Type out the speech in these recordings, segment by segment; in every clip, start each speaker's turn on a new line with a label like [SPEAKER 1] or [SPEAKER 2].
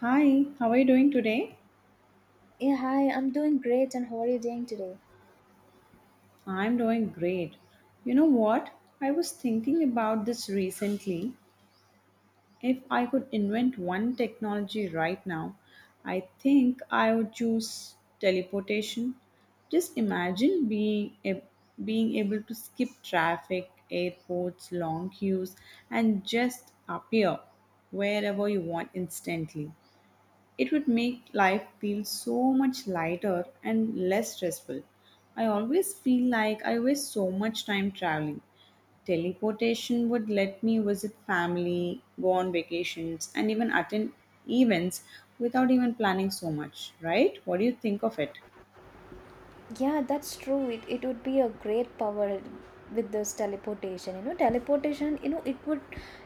[SPEAKER 1] Hi, how are you doing today?
[SPEAKER 2] Yeah, hi, I'm doing great, and how are you doing today?
[SPEAKER 1] I'm doing great. You know what? I was thinking about this recently. If I could invent one technology right now, I think I would choose teleportation. Just imagine being able to skip traffic, airports, long queues and just appear wherever you want instantly. It would make life feel so much lighter and less stressful. I always feel like I waste so much time traveling. Teleportation would let me visit family, go on vacations, and even attend events without even planning so much, right? What do you think of it?
[SPEAKER 2] Yeah, that's true. It would be a great power with this teleportation. You know, teleportation, you know, it would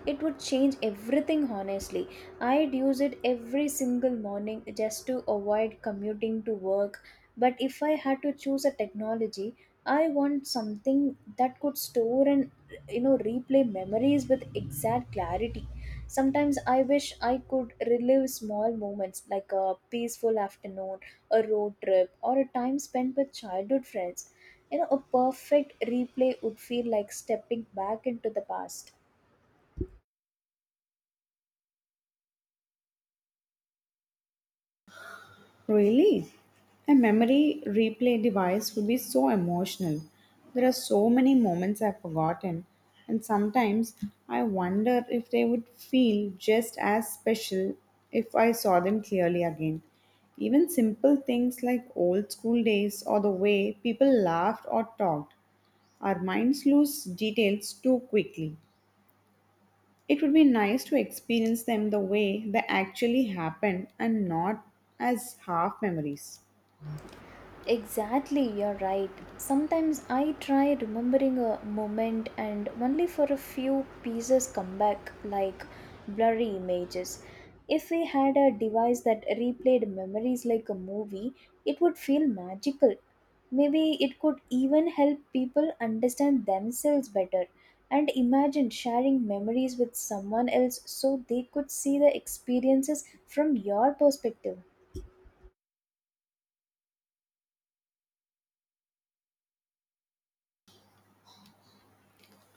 [SPEAKER 2] it would change everything honestly. I'd use it every single morning just to avoid commuting to work. But if I had to choose a technology, I want something that could store and you know replay memories with exact clarity. Sometimes I wish I could relive small moments like a peaceful afternoon, a road trip, or a time spent with childhood friends. You know, a perfect replay would feel like stepping back into the past.
[SPEAKER 1] Really? A memory replay device would be so emotional. There are so many moments I've forgotten, and sometimes I wonder if they would feel just as special if I saw them clearly again. Even simple things like old school days or the way people laughed or talked, our minds lose details too quickly. It would be nice to experience them the way they actually happened and not as half memories.
[SPEAKER 2] Exactly, you're right. Sometimes I try remembering a moment and only for a few pieces come back like blurry images. If we had a device that replayed memories like a movie, it would feel magical. Maybe it could even help people understand themselves better. And imagine sharing memories with someone else so they could see the experiences from your perspective.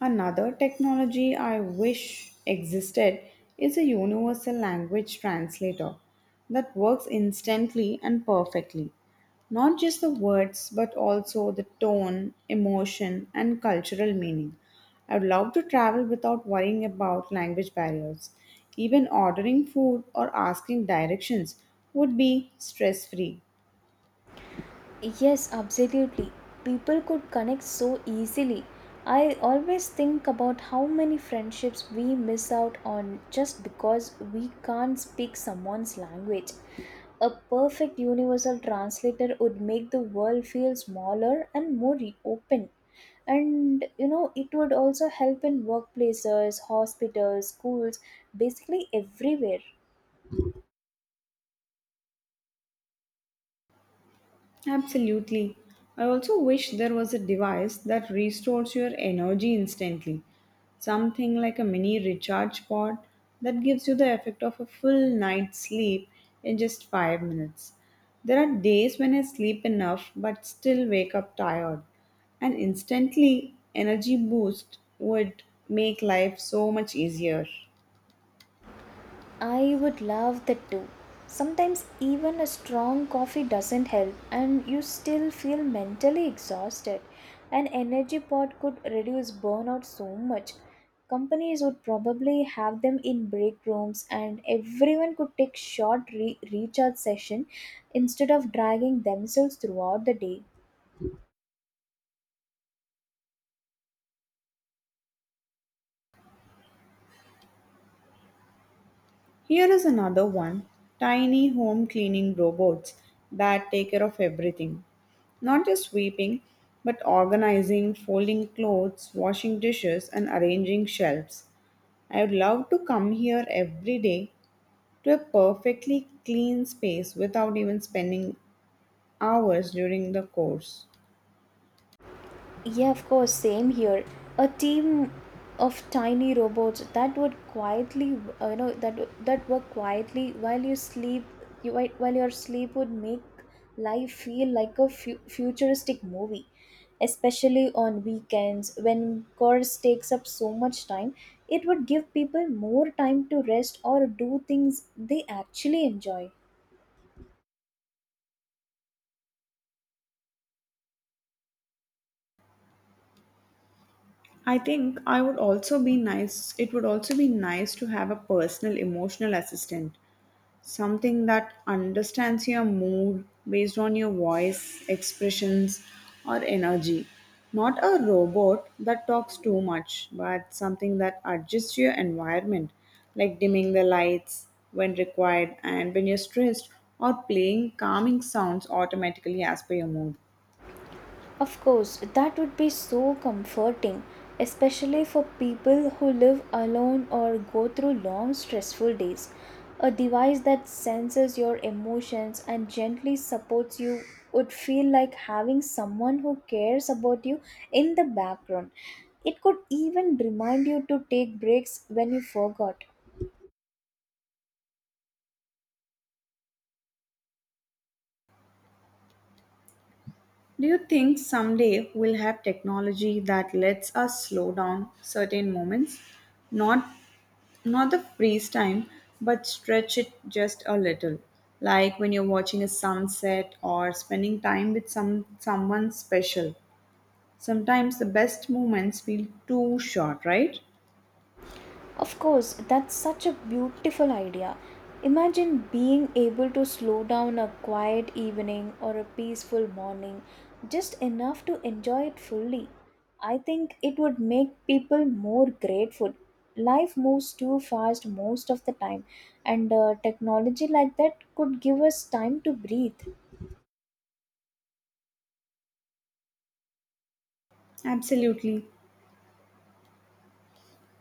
[SPEAKER 1] Another technology I wish existed is a universal language translator that works instantly and perfectly. Not just the words, but also the tone, emotion, and cultural meaning. I would love to travel without worrying about language barriers. Even ordering food or asking directions would be stress free.
[SPEAKER 2] Yes, absolutely. People could connect so easily. I always think about how many friendships we miss out on just because we can't speak someone's language. A perfect universal translator would make the world feel smaller and more open. And you know, it would also help in workplaces, hospitals, schools, basically everywhere.
[SPEAKER 1] Absolutely. I also wish there was a device that restores your energy instantly, something like a mini recharge pod that gives you the effect of a full night's sleep in just 5 minutes. There are days when I sleep enough but still wake up tired. An instantly energy boost would make life so much easier.
[SPEAKER 2] I would love that too. Sometimes even a strong coffee doesn't help, and you still feel mentally exhausted. An energy pot could reduce burnout so much. Companies would probably have them in break rooms, and everyone could take short recharge session instead of dragging themselves throughout the day.
[SPEAKER 1] Here is another one, tiny home cleaning robots that take care of everything. Not just sweeping, but organizing, folding clothes, washing dishes, and arranging shelves. I would love to come here every day to a perfectly clean space without even spending hours during the course.
[SPEAKER 2] Yeah, of course, same here. A team of tiny robots that would quietly, you know, that work quietly while you sleep. You while your sleep would make life feel like a futuristic movie, especially on weekends when chores takes up so much time. It would give people more time to rest or do things they actually enjoy.
[SPEAKER 1] I think I would also be nice It would also be nice to have a personal emotional assistant, something that understands your mood based on your voice, expressions, or energy. Not a robot that talks too much, but something that adjusts to your environment, like dimming the lights when required and when you're stressed, or playing calming sounds automatically as per your mood.
[SPEAKER 2] Of course, that would be so comforting, especially for people who live alone or go through long stressful days. A device that senses your emotions and gently supports you would feel like having someone who cares about you in the background. It could even remind you to take breaks when you forgot.
[SPEAKER 1] Do you think someday we'll have technology that lets us slow down certain moments? Not not the freeze time, but stretch it just a little. Like when you're watching a sunset or spending time with someone special. Sometimes the best moments feel too short, right?
[SPEAKER 2] Of course, that's such a beautiful idea. Imagine being able to slow down a quiet evening or a peaceful morning just enough to enjoy it fully. I think it would make people more grateful. Life moves too fast most of the time, and technology like that could give us time to breathe.
[SPEAKER 1] Absolutely.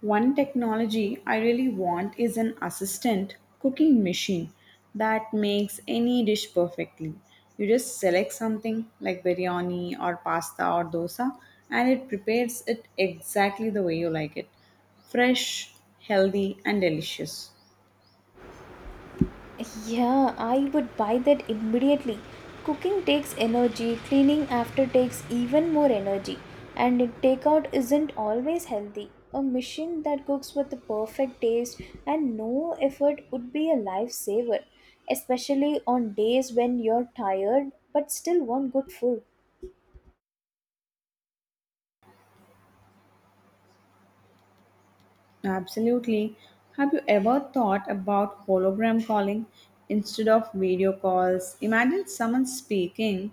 [SPEAKER 1] One technology I really want is an assistant cooking machine that makes any dish perfectly. You just select something like biryani or pasta or dosa and it prepares it exactly the way you like it. Fresh, healthy, and delicious.
[SPEAKER 2] Yeah, I would buy that immediately. Cooking takes energy, cleaning after takes even more energy, and takeout isn't always healthy. A machine that cooks with the perfect taste and no effort would be a lifesaver, especially on days when you're tired but still want good food.
[SPEAKER 1] Absolutely. Have you ever thought about hologram calling instead of video calls? Imagine someone speaking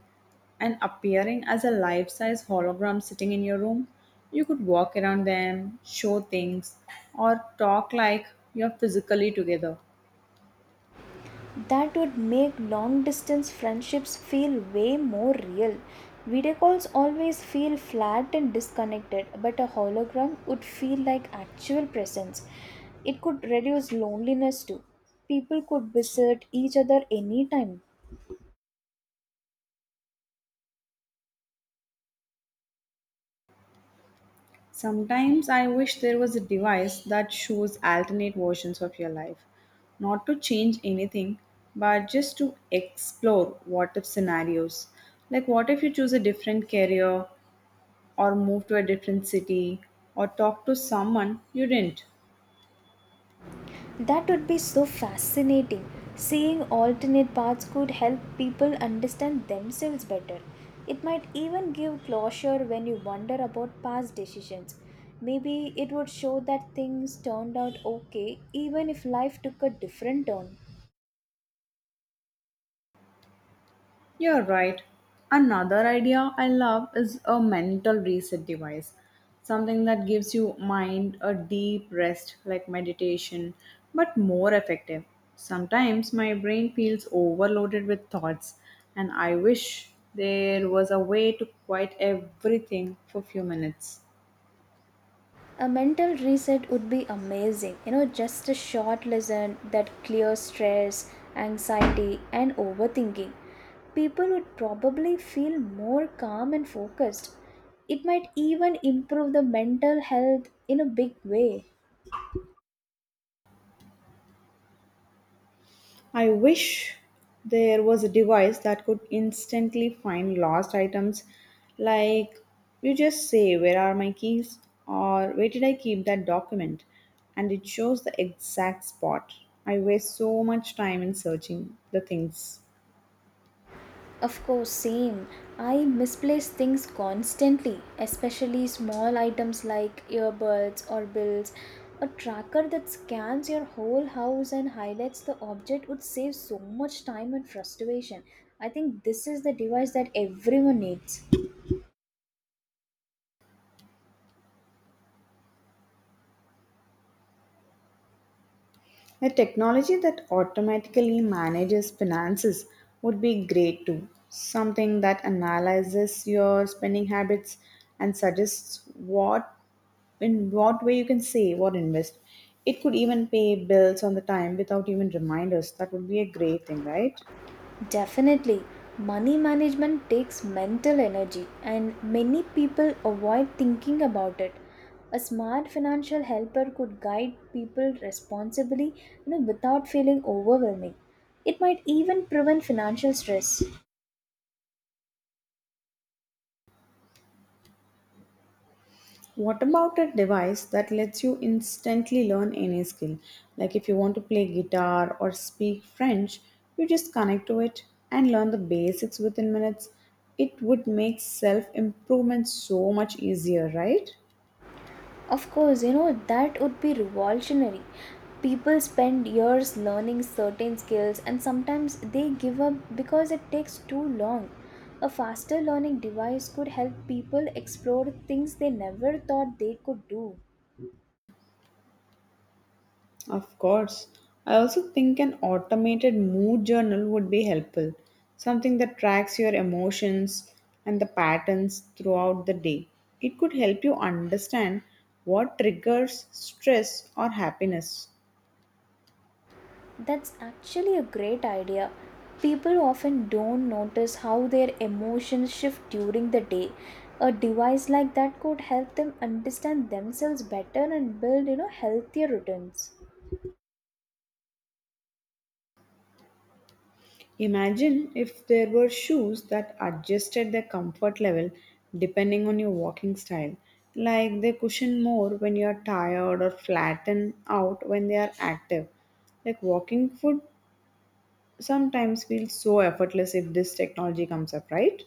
[SPEAKER 1] and appearing as a life size hologram sitting in your room. You could walk around them, show things, or talk like you're physically together.
[SPEAKER 2] That would make long distance friendships feel way more real. Video calls always feel flat and disconnected, but a hologram would feel like actual presence. It could reduce loneliness too. People could visit each other anytime.
[SPEAKER 1] Sometimes I wish there was a device that shows alternate versions of your life, not to change anything, but just to explore what if scenarios. Like, what if you choose a different career, or move to a different city, or talk to someone you didn't?
[SPEAKER 2] That would be so fascinating. Seeing alternate paths could help people understand themselves better. It might even give closure when you wonder about past decisions. Maybe it would show that things turned out okay even if life took a different turn.
[SPEAKER 1] You're right. Another idea I love is a mental reset device, something that gives you mind a deep rest like meditation, but more effective. Sometimes my brain feels overloaded with thoughts, and I wish there was a way to quiet everything for a few minutes.
[SPEAKER 2] A mental reset would be amazing, you know, just a short lesson that clears stress, anxiety, and overthinking. People would probably feel more calm and focused. It might even improve the mental health in a big way.
[SPEAKER 1] I wish there was a device that could instantly find lost items. Like, you just say, where are my keys? Or where did I keep that document? And it shows the exact spot. I waste so much time in searching the things.
[SPEAKER 2] Of course, same. I misplace things constantly, especially small items like earbuds or bills. A tracker that scans your whole house and highlights the object would save so much time and frustration. I think this is the device that everyone needs.
[SPEAKER 1] A technology that automatically manages finances would be great too. Something that analyzes your spending habits and suggests what in what way you can save or invest. It could even pay bills on the time without even reminders. That would be a great thing, right?
[SPEAKER 2] Definitely, money management takes mental energy, and many people avoid thinking about it. A smart financial helper could guide people responsibly, you know, without feeling overwhelming. It might even prevent financial stress.
[SPEAKER 1] What about a device that lets you instantly learn any skill? Like if you want to play guitar or speak French, you just connect to it and learn the basics within minutes. It would make self improvement so much easier, right?
[SPEAKER 2] Of course, you know, that would be revolutionary. People spend years learning certain skills and sometimes they give up because it takes too long. A faster learning device could help people explore things they never thought they could do.
[SPEAKER 1] Of course. I also think an automated mood journal would be helpful, something that tracks your emotions and the patterns throughout the day. It could help you understand what triggers stress or happiness.
[SPEAKER 2] That's actually a great idea. People often don't notice how their emotions shift during the day. A device like that could help them understand themselves better and build, you know, healthier routines.
[SPEAKER 1] Imagine if there were shoes that adjusted their comfort level depending on your walking style, like they cushion more when you are tired or flatten out when they are active. Like walking foot sometimes feels so effortless if this technology comes up, right?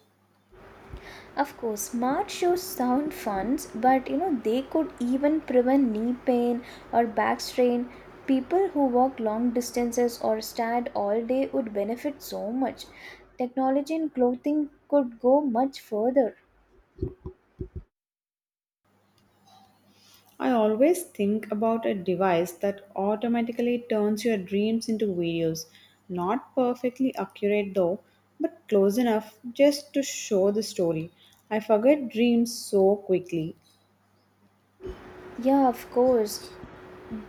[SPEAKER 2] Of course, smart shoes sound fun, but you know they could even prevent knee pain or back strain. People who walk long distances or stand all day would benefit so much. Technology in clothing could go much further.
[SPEAKER 1] I always think about a device that automatically turns your dreams into videos. Not perfectly accurate though, but close enough just to show the story. I forget dreams so quickly.
[SPEAKER 2] Yeah, of course.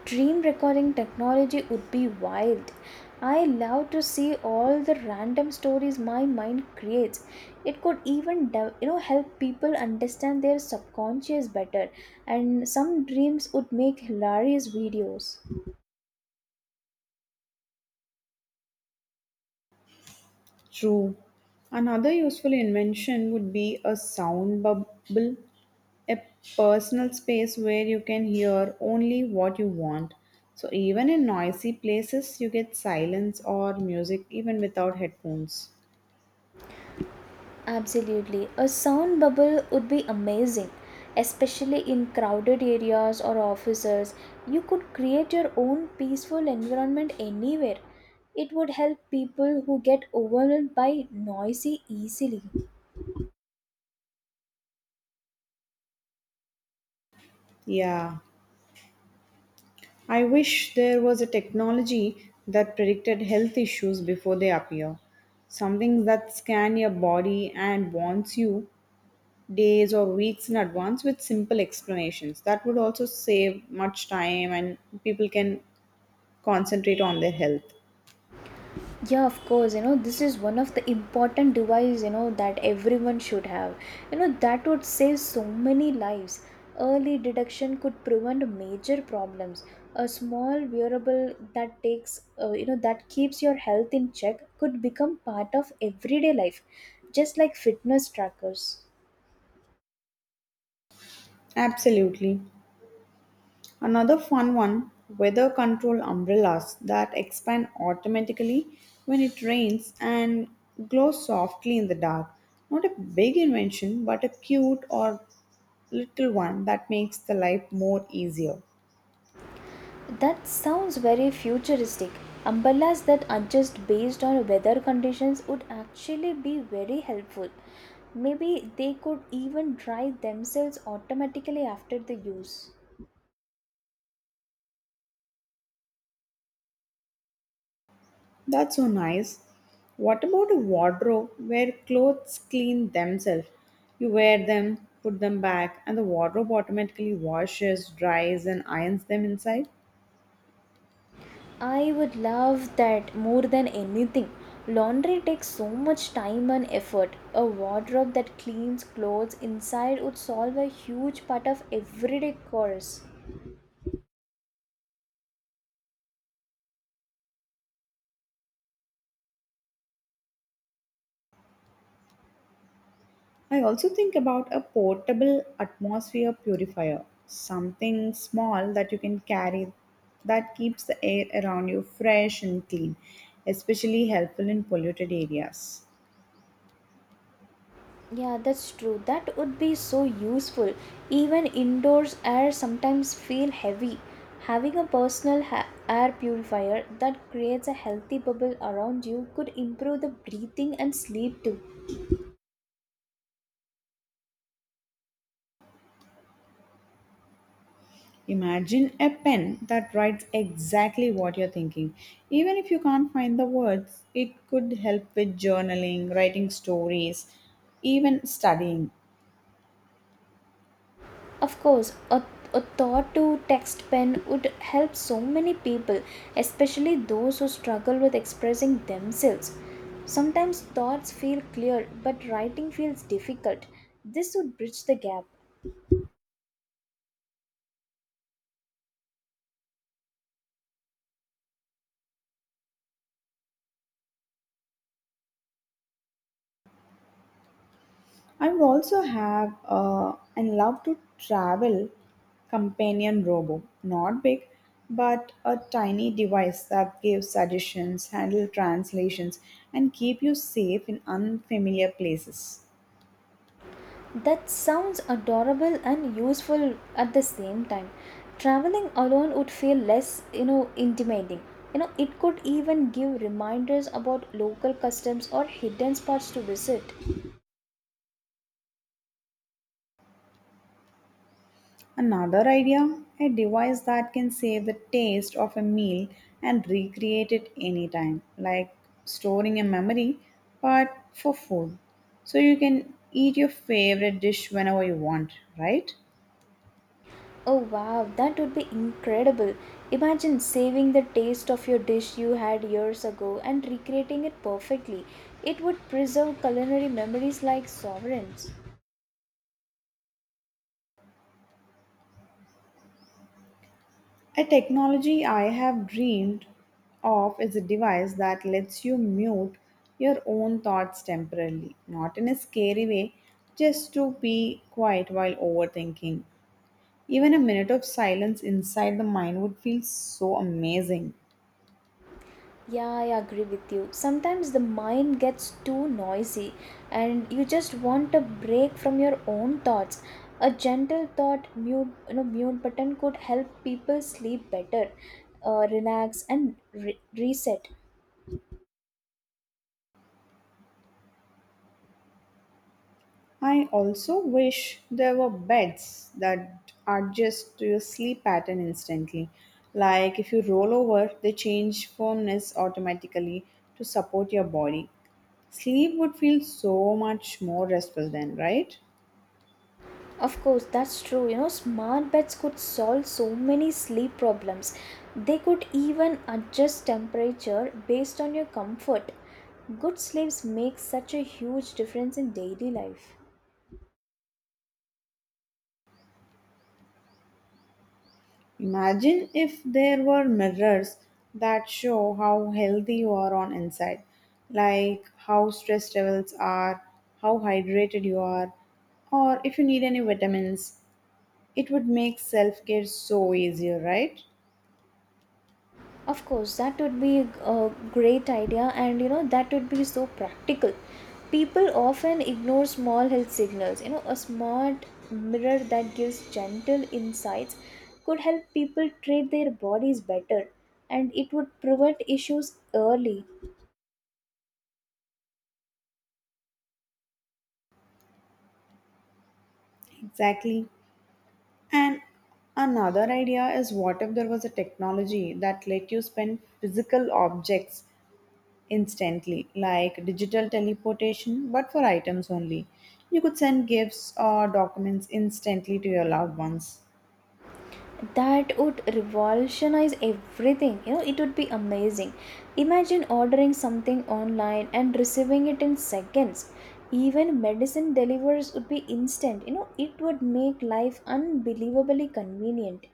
[SPEAKER 2] Dream recording technology would be wild. I love to see all the random stories my mind creates. It could even you know help people understand their subconscious better and some dreams would make hilarious videos.
[SPEAKER 1] True. Another useful invention would be a sound bubble, a personal space where you can hear only what you want. So, even in noisy places, you get silence or music even without headphones.
[SPEAKER 2] Absolutely. A sound bubble would be amazing, especially in crowded areas or offices. You could create your own peaceful environment anywhere. It would help people who get overwhelmed by noisy easily.
[SPEAKER 1] Yeah, I wish there was a technology that predicted health issues before they appear. Something that scan your body and warns you days or weeks in advance with simple explanations. That would also save much time and people can concentrate on their health.
[SPEAKER 2] Yeah, of course, you know, this is one of the important device, you know, that everyone should have. You know, that would save so many lives. Early detection could prevent major problems. A small wearable that takes you know that keeps your health in check could become part of everyday life, just like fitness trackers.
[SPEAKER 1] Absolutely. Another fun one, weather control umbrellas that expand automatically when it rains and glow softly in the dark. Not a big invention, but a cute or little one that makes the life more easier.
[SPEAKER 2] That sounds very futuristic. Umbrellas that adjust based on weather conditions would actually be very helpful. Maybe they could even dry themselves automatically after the use.
[SPEAKER 1] That's so nice. What about a wardrobe where clothes clean themselves? You wear them, put them back, and the wardrobe automatically washes, dries, and irons them inside?
[SPEAKER 2] I would love that more than anything. Laundry takes so much time and effort. A wardrobe that cleans clothes inside would solve a huge part of everyday chores.
[SPEAKER 1] I also think about a portable atmosphere purifier, something small that you can carry that keeps the air around you fresh and clean, especially helpful in polluted areas.
[SPEAKER 2] Yeah, that's true. That would be so useful. Even indoors air sometimes feel heavy. Having a personal air purifier that creates a healthy bubble around you could improve the breathing and sleep too.
[SPEAKER 1] Imagine a pen that writes exactly what you're thinking. Even if you can't find the words, it could help with journaling, writing stories, even studying.
[SPEAKER 2] Of course, a thought to text pen would help so many people, especially those who struggle with expressing themselves. Sometimes thoughts feel clear, but writing feels difficult. This would bridge the gap.
[SPEAKER 1] I would also have and love to travel companion robo, not big, but a tiny device that gives suggestions, handle translations, and keep you safe in unfamiliar places.
[SPEAKER 2] That sounds adorable and useful at the same time. Traveling alone would feel less, you know, intimidating. You know, it could even give reminders about local customs or hidden spots to visit.
[SPEAKER 1] Another idea, a device that can save the taste of a meal and recreate it anytime, like storing a memory, but for food. So you can eat your favorite dish whenever you want, right?
[SPEAKER 2] Oh wow, that would be incredible. Imagine saving the taste of your dish you had years ago and recreating it perfectly. It would preserve culinary memories like sovereigns.
[SPEAKER 1] A technology I have dreamed of is a device that lets you mute your own thoughts temporarily, not in a scary way, just to be quiet while overthinking. Even a minute of silence inside the mind would feel so amazing.
[SPEAKER 2] Yeah, I agree with you. Sometimes the mind gets too noisy and you just want a break from your own thoughts. A gentle thought mute, you know, mute button could help people sleep better, relax and reset.
[SPEAKER 1] I also wish there were beds that adjust to your sleep pattern instantly. Like if you roll over, they change firmness automatically to support your body. Sleep would feel so much more restful then, right?
[SPEAKER 2] Of course, that's true. You know, smart beds could solve so many sleep problems. They could even adjust temperature based on your comfort. Good sleeps make such a huge difference in daily life.
[SPEAKER 1] Imagine if there were mirrors that show how healthy you are on inside, like how stress levels are, how hydrated you are, or if you need any vitamins. It would make self care so easier, right?
[SPEAKER 2] Of course, that would be a great idea, and you know, that would be so practical. People often ignore small health signals. You know, a smart mirror that gives gentle insights could help people treat their bodies better and it would prevent issues early.
[SPEAKER 1] Exactly. And another idea is what if there was a technology that let you spend physical objects instantly, like digital teleportation, but for items only? You could send gifts or documents instantly to your loved ones.
[SPEAKER 2] That would revolutionize everything, you know, it would be amazing. Imagine ordering something online and receiving it in seconds. Even medicine delivers would be instant. You know, it would make life unbelievably convenient.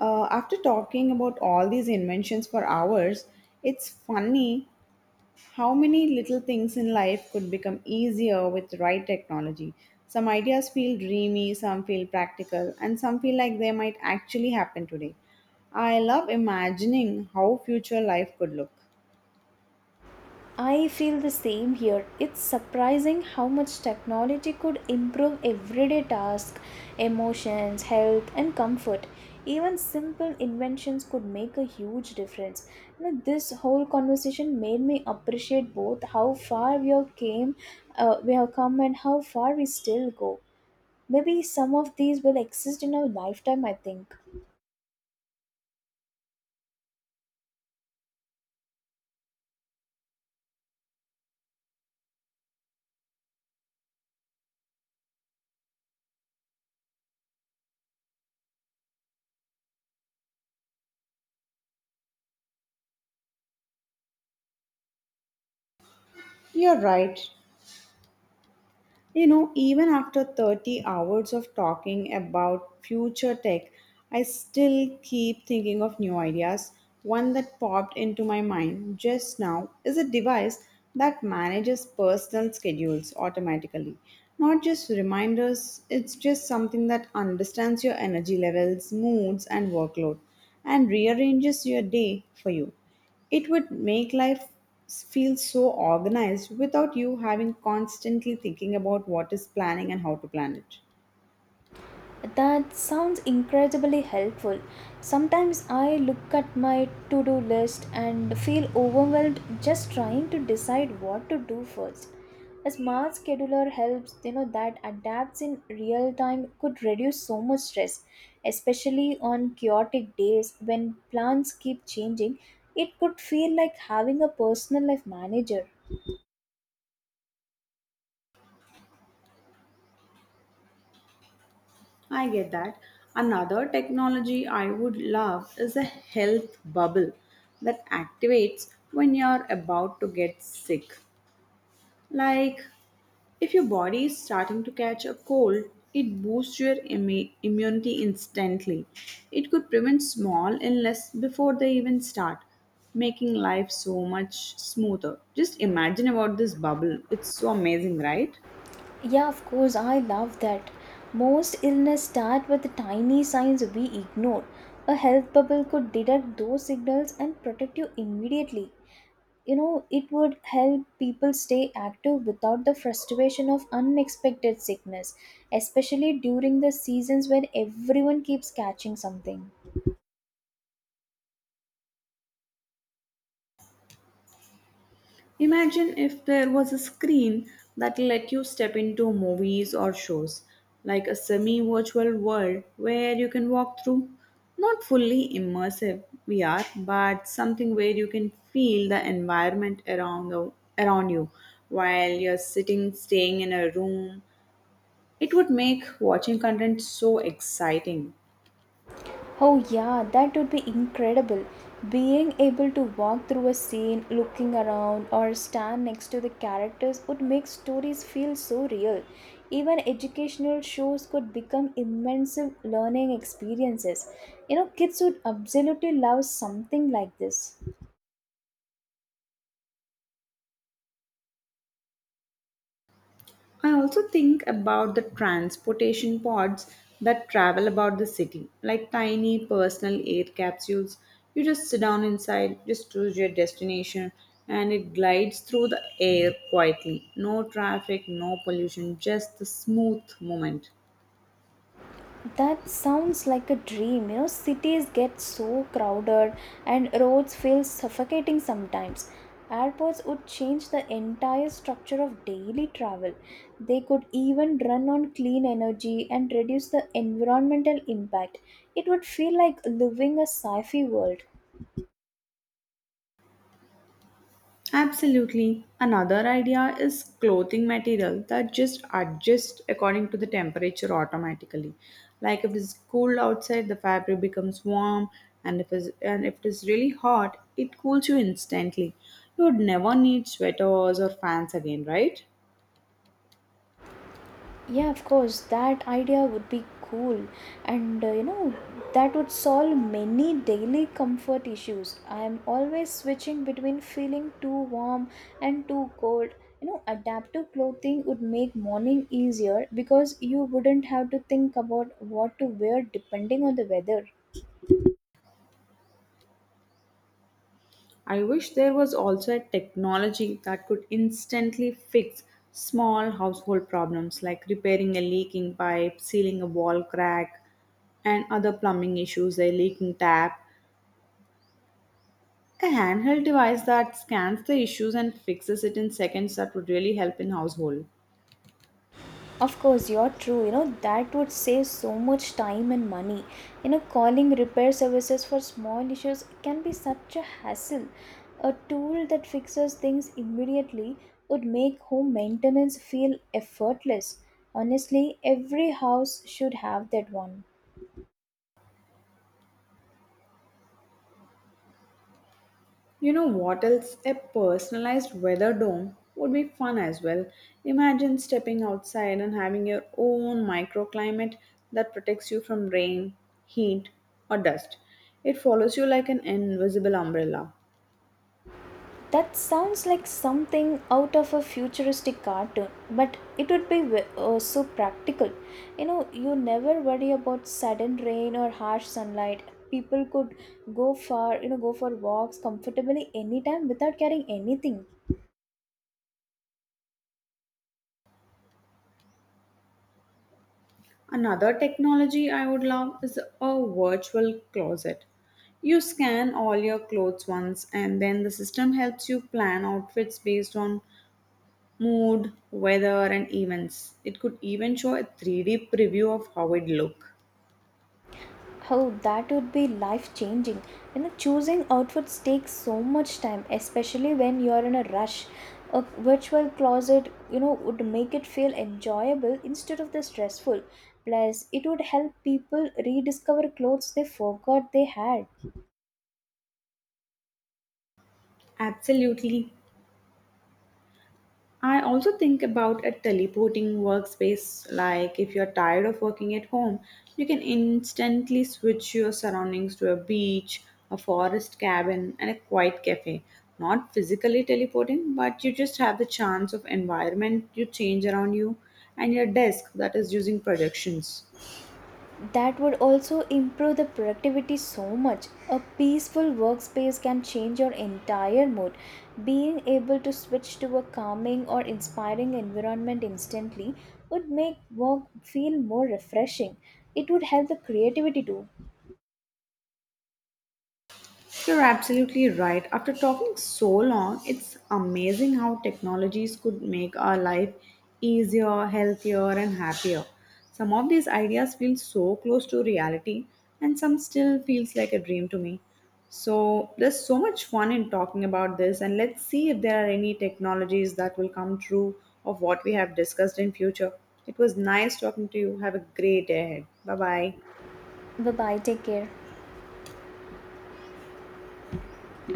[SPEAKER 1] After talking about all these inventions for hours, it's funny how many little things in life could become easier with the right technology? Some ideas feel dreamy, some feel practical, and some feel like they might actually happen today. I love imagining how future life could look.
[SPEAKER 2] I feel the same here. It's surprising how much technology could improve everyday tasks, emotions, health, and comfort. Even simple inventions could make a huge difference. You know, this whole conversation made me appreciate both how far we have we have come, and how far we still go. Maybe some of these will exist in our lifetime. I think.
[SPEAKER 1] You're right. You know, even after 30 hours of talking about future tech, I still keep thinking of new ideas. One that popped into my mind just now is a device that manages personal schedules automatically. Not just reminders, it's just something that understands your energy levels, moods, and workload and rearranges your day for you. It would make life feel so organized without you having constantly thinking about what is planning and how to plan it.
[SPEAKER 2] That sounds incredibly helpful. Sometimes I look at my to do list and feel overwhelmed just trying to decide what to do first. A smart scheduler helps, you know, that adapts in real time could reduce so much stress, especially on chaotic days when plans keep changing. It could feel like having a personal life manager.
[SPEAKER 1] I get that. Another technology I would love is a health bubble that activates when you're about to get sick. Like if your body is starting to catch a cold, it boosts your immunity instantly. It could prevent small illness before they even start, making life so much smoother. Just imagine about this bubble. It's so amazing, right?
[SPEAKER 2] Yeah, of course, I love that. Most illness start with tiny signs we ignore. A health bubble could detect those signals and protect you immediately. You know, it would help people stay active without the frustration of unexpected sickness, especially during the seasons when everyone keeps catching something.
[SPEAKER 1] Imagine if there was a screen that let you step into movies or shows, like a semi virtual world where you can walk through. Not fully immersive VR, but something where you can feel the environment around you while you're sitting, staying in a room. It would make watching content so exciting.
[SPEAKER 2] Oh, yeah, that would be incredible. Being able to walk through a scene, looking around, or stand next to the characters would make stories feel so real. Even educational shows could become immense learning experiences. You know, kids would absolutely love something like this.
[SPEAKER 1] I also think about the transportation pods that travel about the city, like tiny personal air capsules. You just sit down inside, just choose your destination, and it glides through the air quietly. No traffic, no pollution, just the smooth movement.
[SPEAKER 2] That sounds like a dream. You know, cities get so crowded and roads feel suffocating sometimes. Airports would change the entire structure of daily travel. They could even run on clean energy and reduce the environmental impact. It would feel like living a sci fi world.
[SPEAKER 1] Absolutely. Another idea is clothing material that just adjusts according to the temperature automatically. Like if it's cool outside, the fabric becomes warm, and if it is really hot, it cools you instantly. You would never need sweaters or fans again, right?
[SPEAKER 2] Yeah, of course, that idea would be cool, and you know, that would solve many daily comfort issues. I am always switching between feeling too warm and too cold. You know, adaptive clothing would make morning easier because you wouldn't have to think about what to wear depending on the weather.
[SPEAKER 1] I wish there was also a technology that could instantly fix small household problems like repairing a leaking pipe, sealing a wall crack, and other plumbing issues, a leaking tap. A handheld device that scans the issues and fixes it in seconds that would really help in household.
[SPEAKER 2] Of course, you're true. You know, that would save so much time and money. You know, calling repair services for small issues can be such a hassle. A tool that fixes things immediately would make home maintenance feel effortless. Honestly, every house should have that one.
[SPEAKER 1] You know what else? A personalized weather dome would be fun as well. Imagine stepping outside and having your own microclimate that protects you from rain, heat, or dust. It follows you like an invisible umbrella.
[SPEAKER 2] That sounds like something out of a futuristic cartoon, but it would be so practical. You know, you never worry about sudden rain or harsh sunlight. People could you know, go for walks comfortably anytime without carrying anything.
[SPEAKER 1] Another technology I would love is a virtual closet. You scan all your clothes once, and then the system helps you plan outfits based on mood, weather, and events. It could even show a 3D preview of how it look.
[SPEAKER 2] Oh, that would be life changing. You know, choosing outfits takes so much time, especially when you're in a rush. A virtual closet, you know, would make it feel enjoyable instead of the stressful. Plus, it would help people rediscover clothes they forgot they had.
[SPEAKER 1] Absolutely. I also think about a teleporting workspace. Like if you're tired of working at home, you can instantly switch your surroundings to a beach, a forest cabin, and a quiet cafe. Not physically teleporting, but you just have the chance of environment you change around you and your desk that is using projections.
[SPEAKER 2] That would also improve the productivity so much. A peaceful workspace can change your entire mood. Being able to switch to a calming or inspiring environment instantly would make work feel more refreshing. It would help the creativity too.
[SPEAKER 1] You're absolutely right. After talking so long, it's amazing how technologies could make our life easier, healthier, and happier. Some of these ideas feel so close to reality, and some still feels like a dream to me. So there's so much fun in talking about this, and let's see if there are any technologies that will come true of what we have discussed in future. It was nice talking to you. Have a great day ahead. Bye bye.
[SPEAKER 2] Bye bye, take care.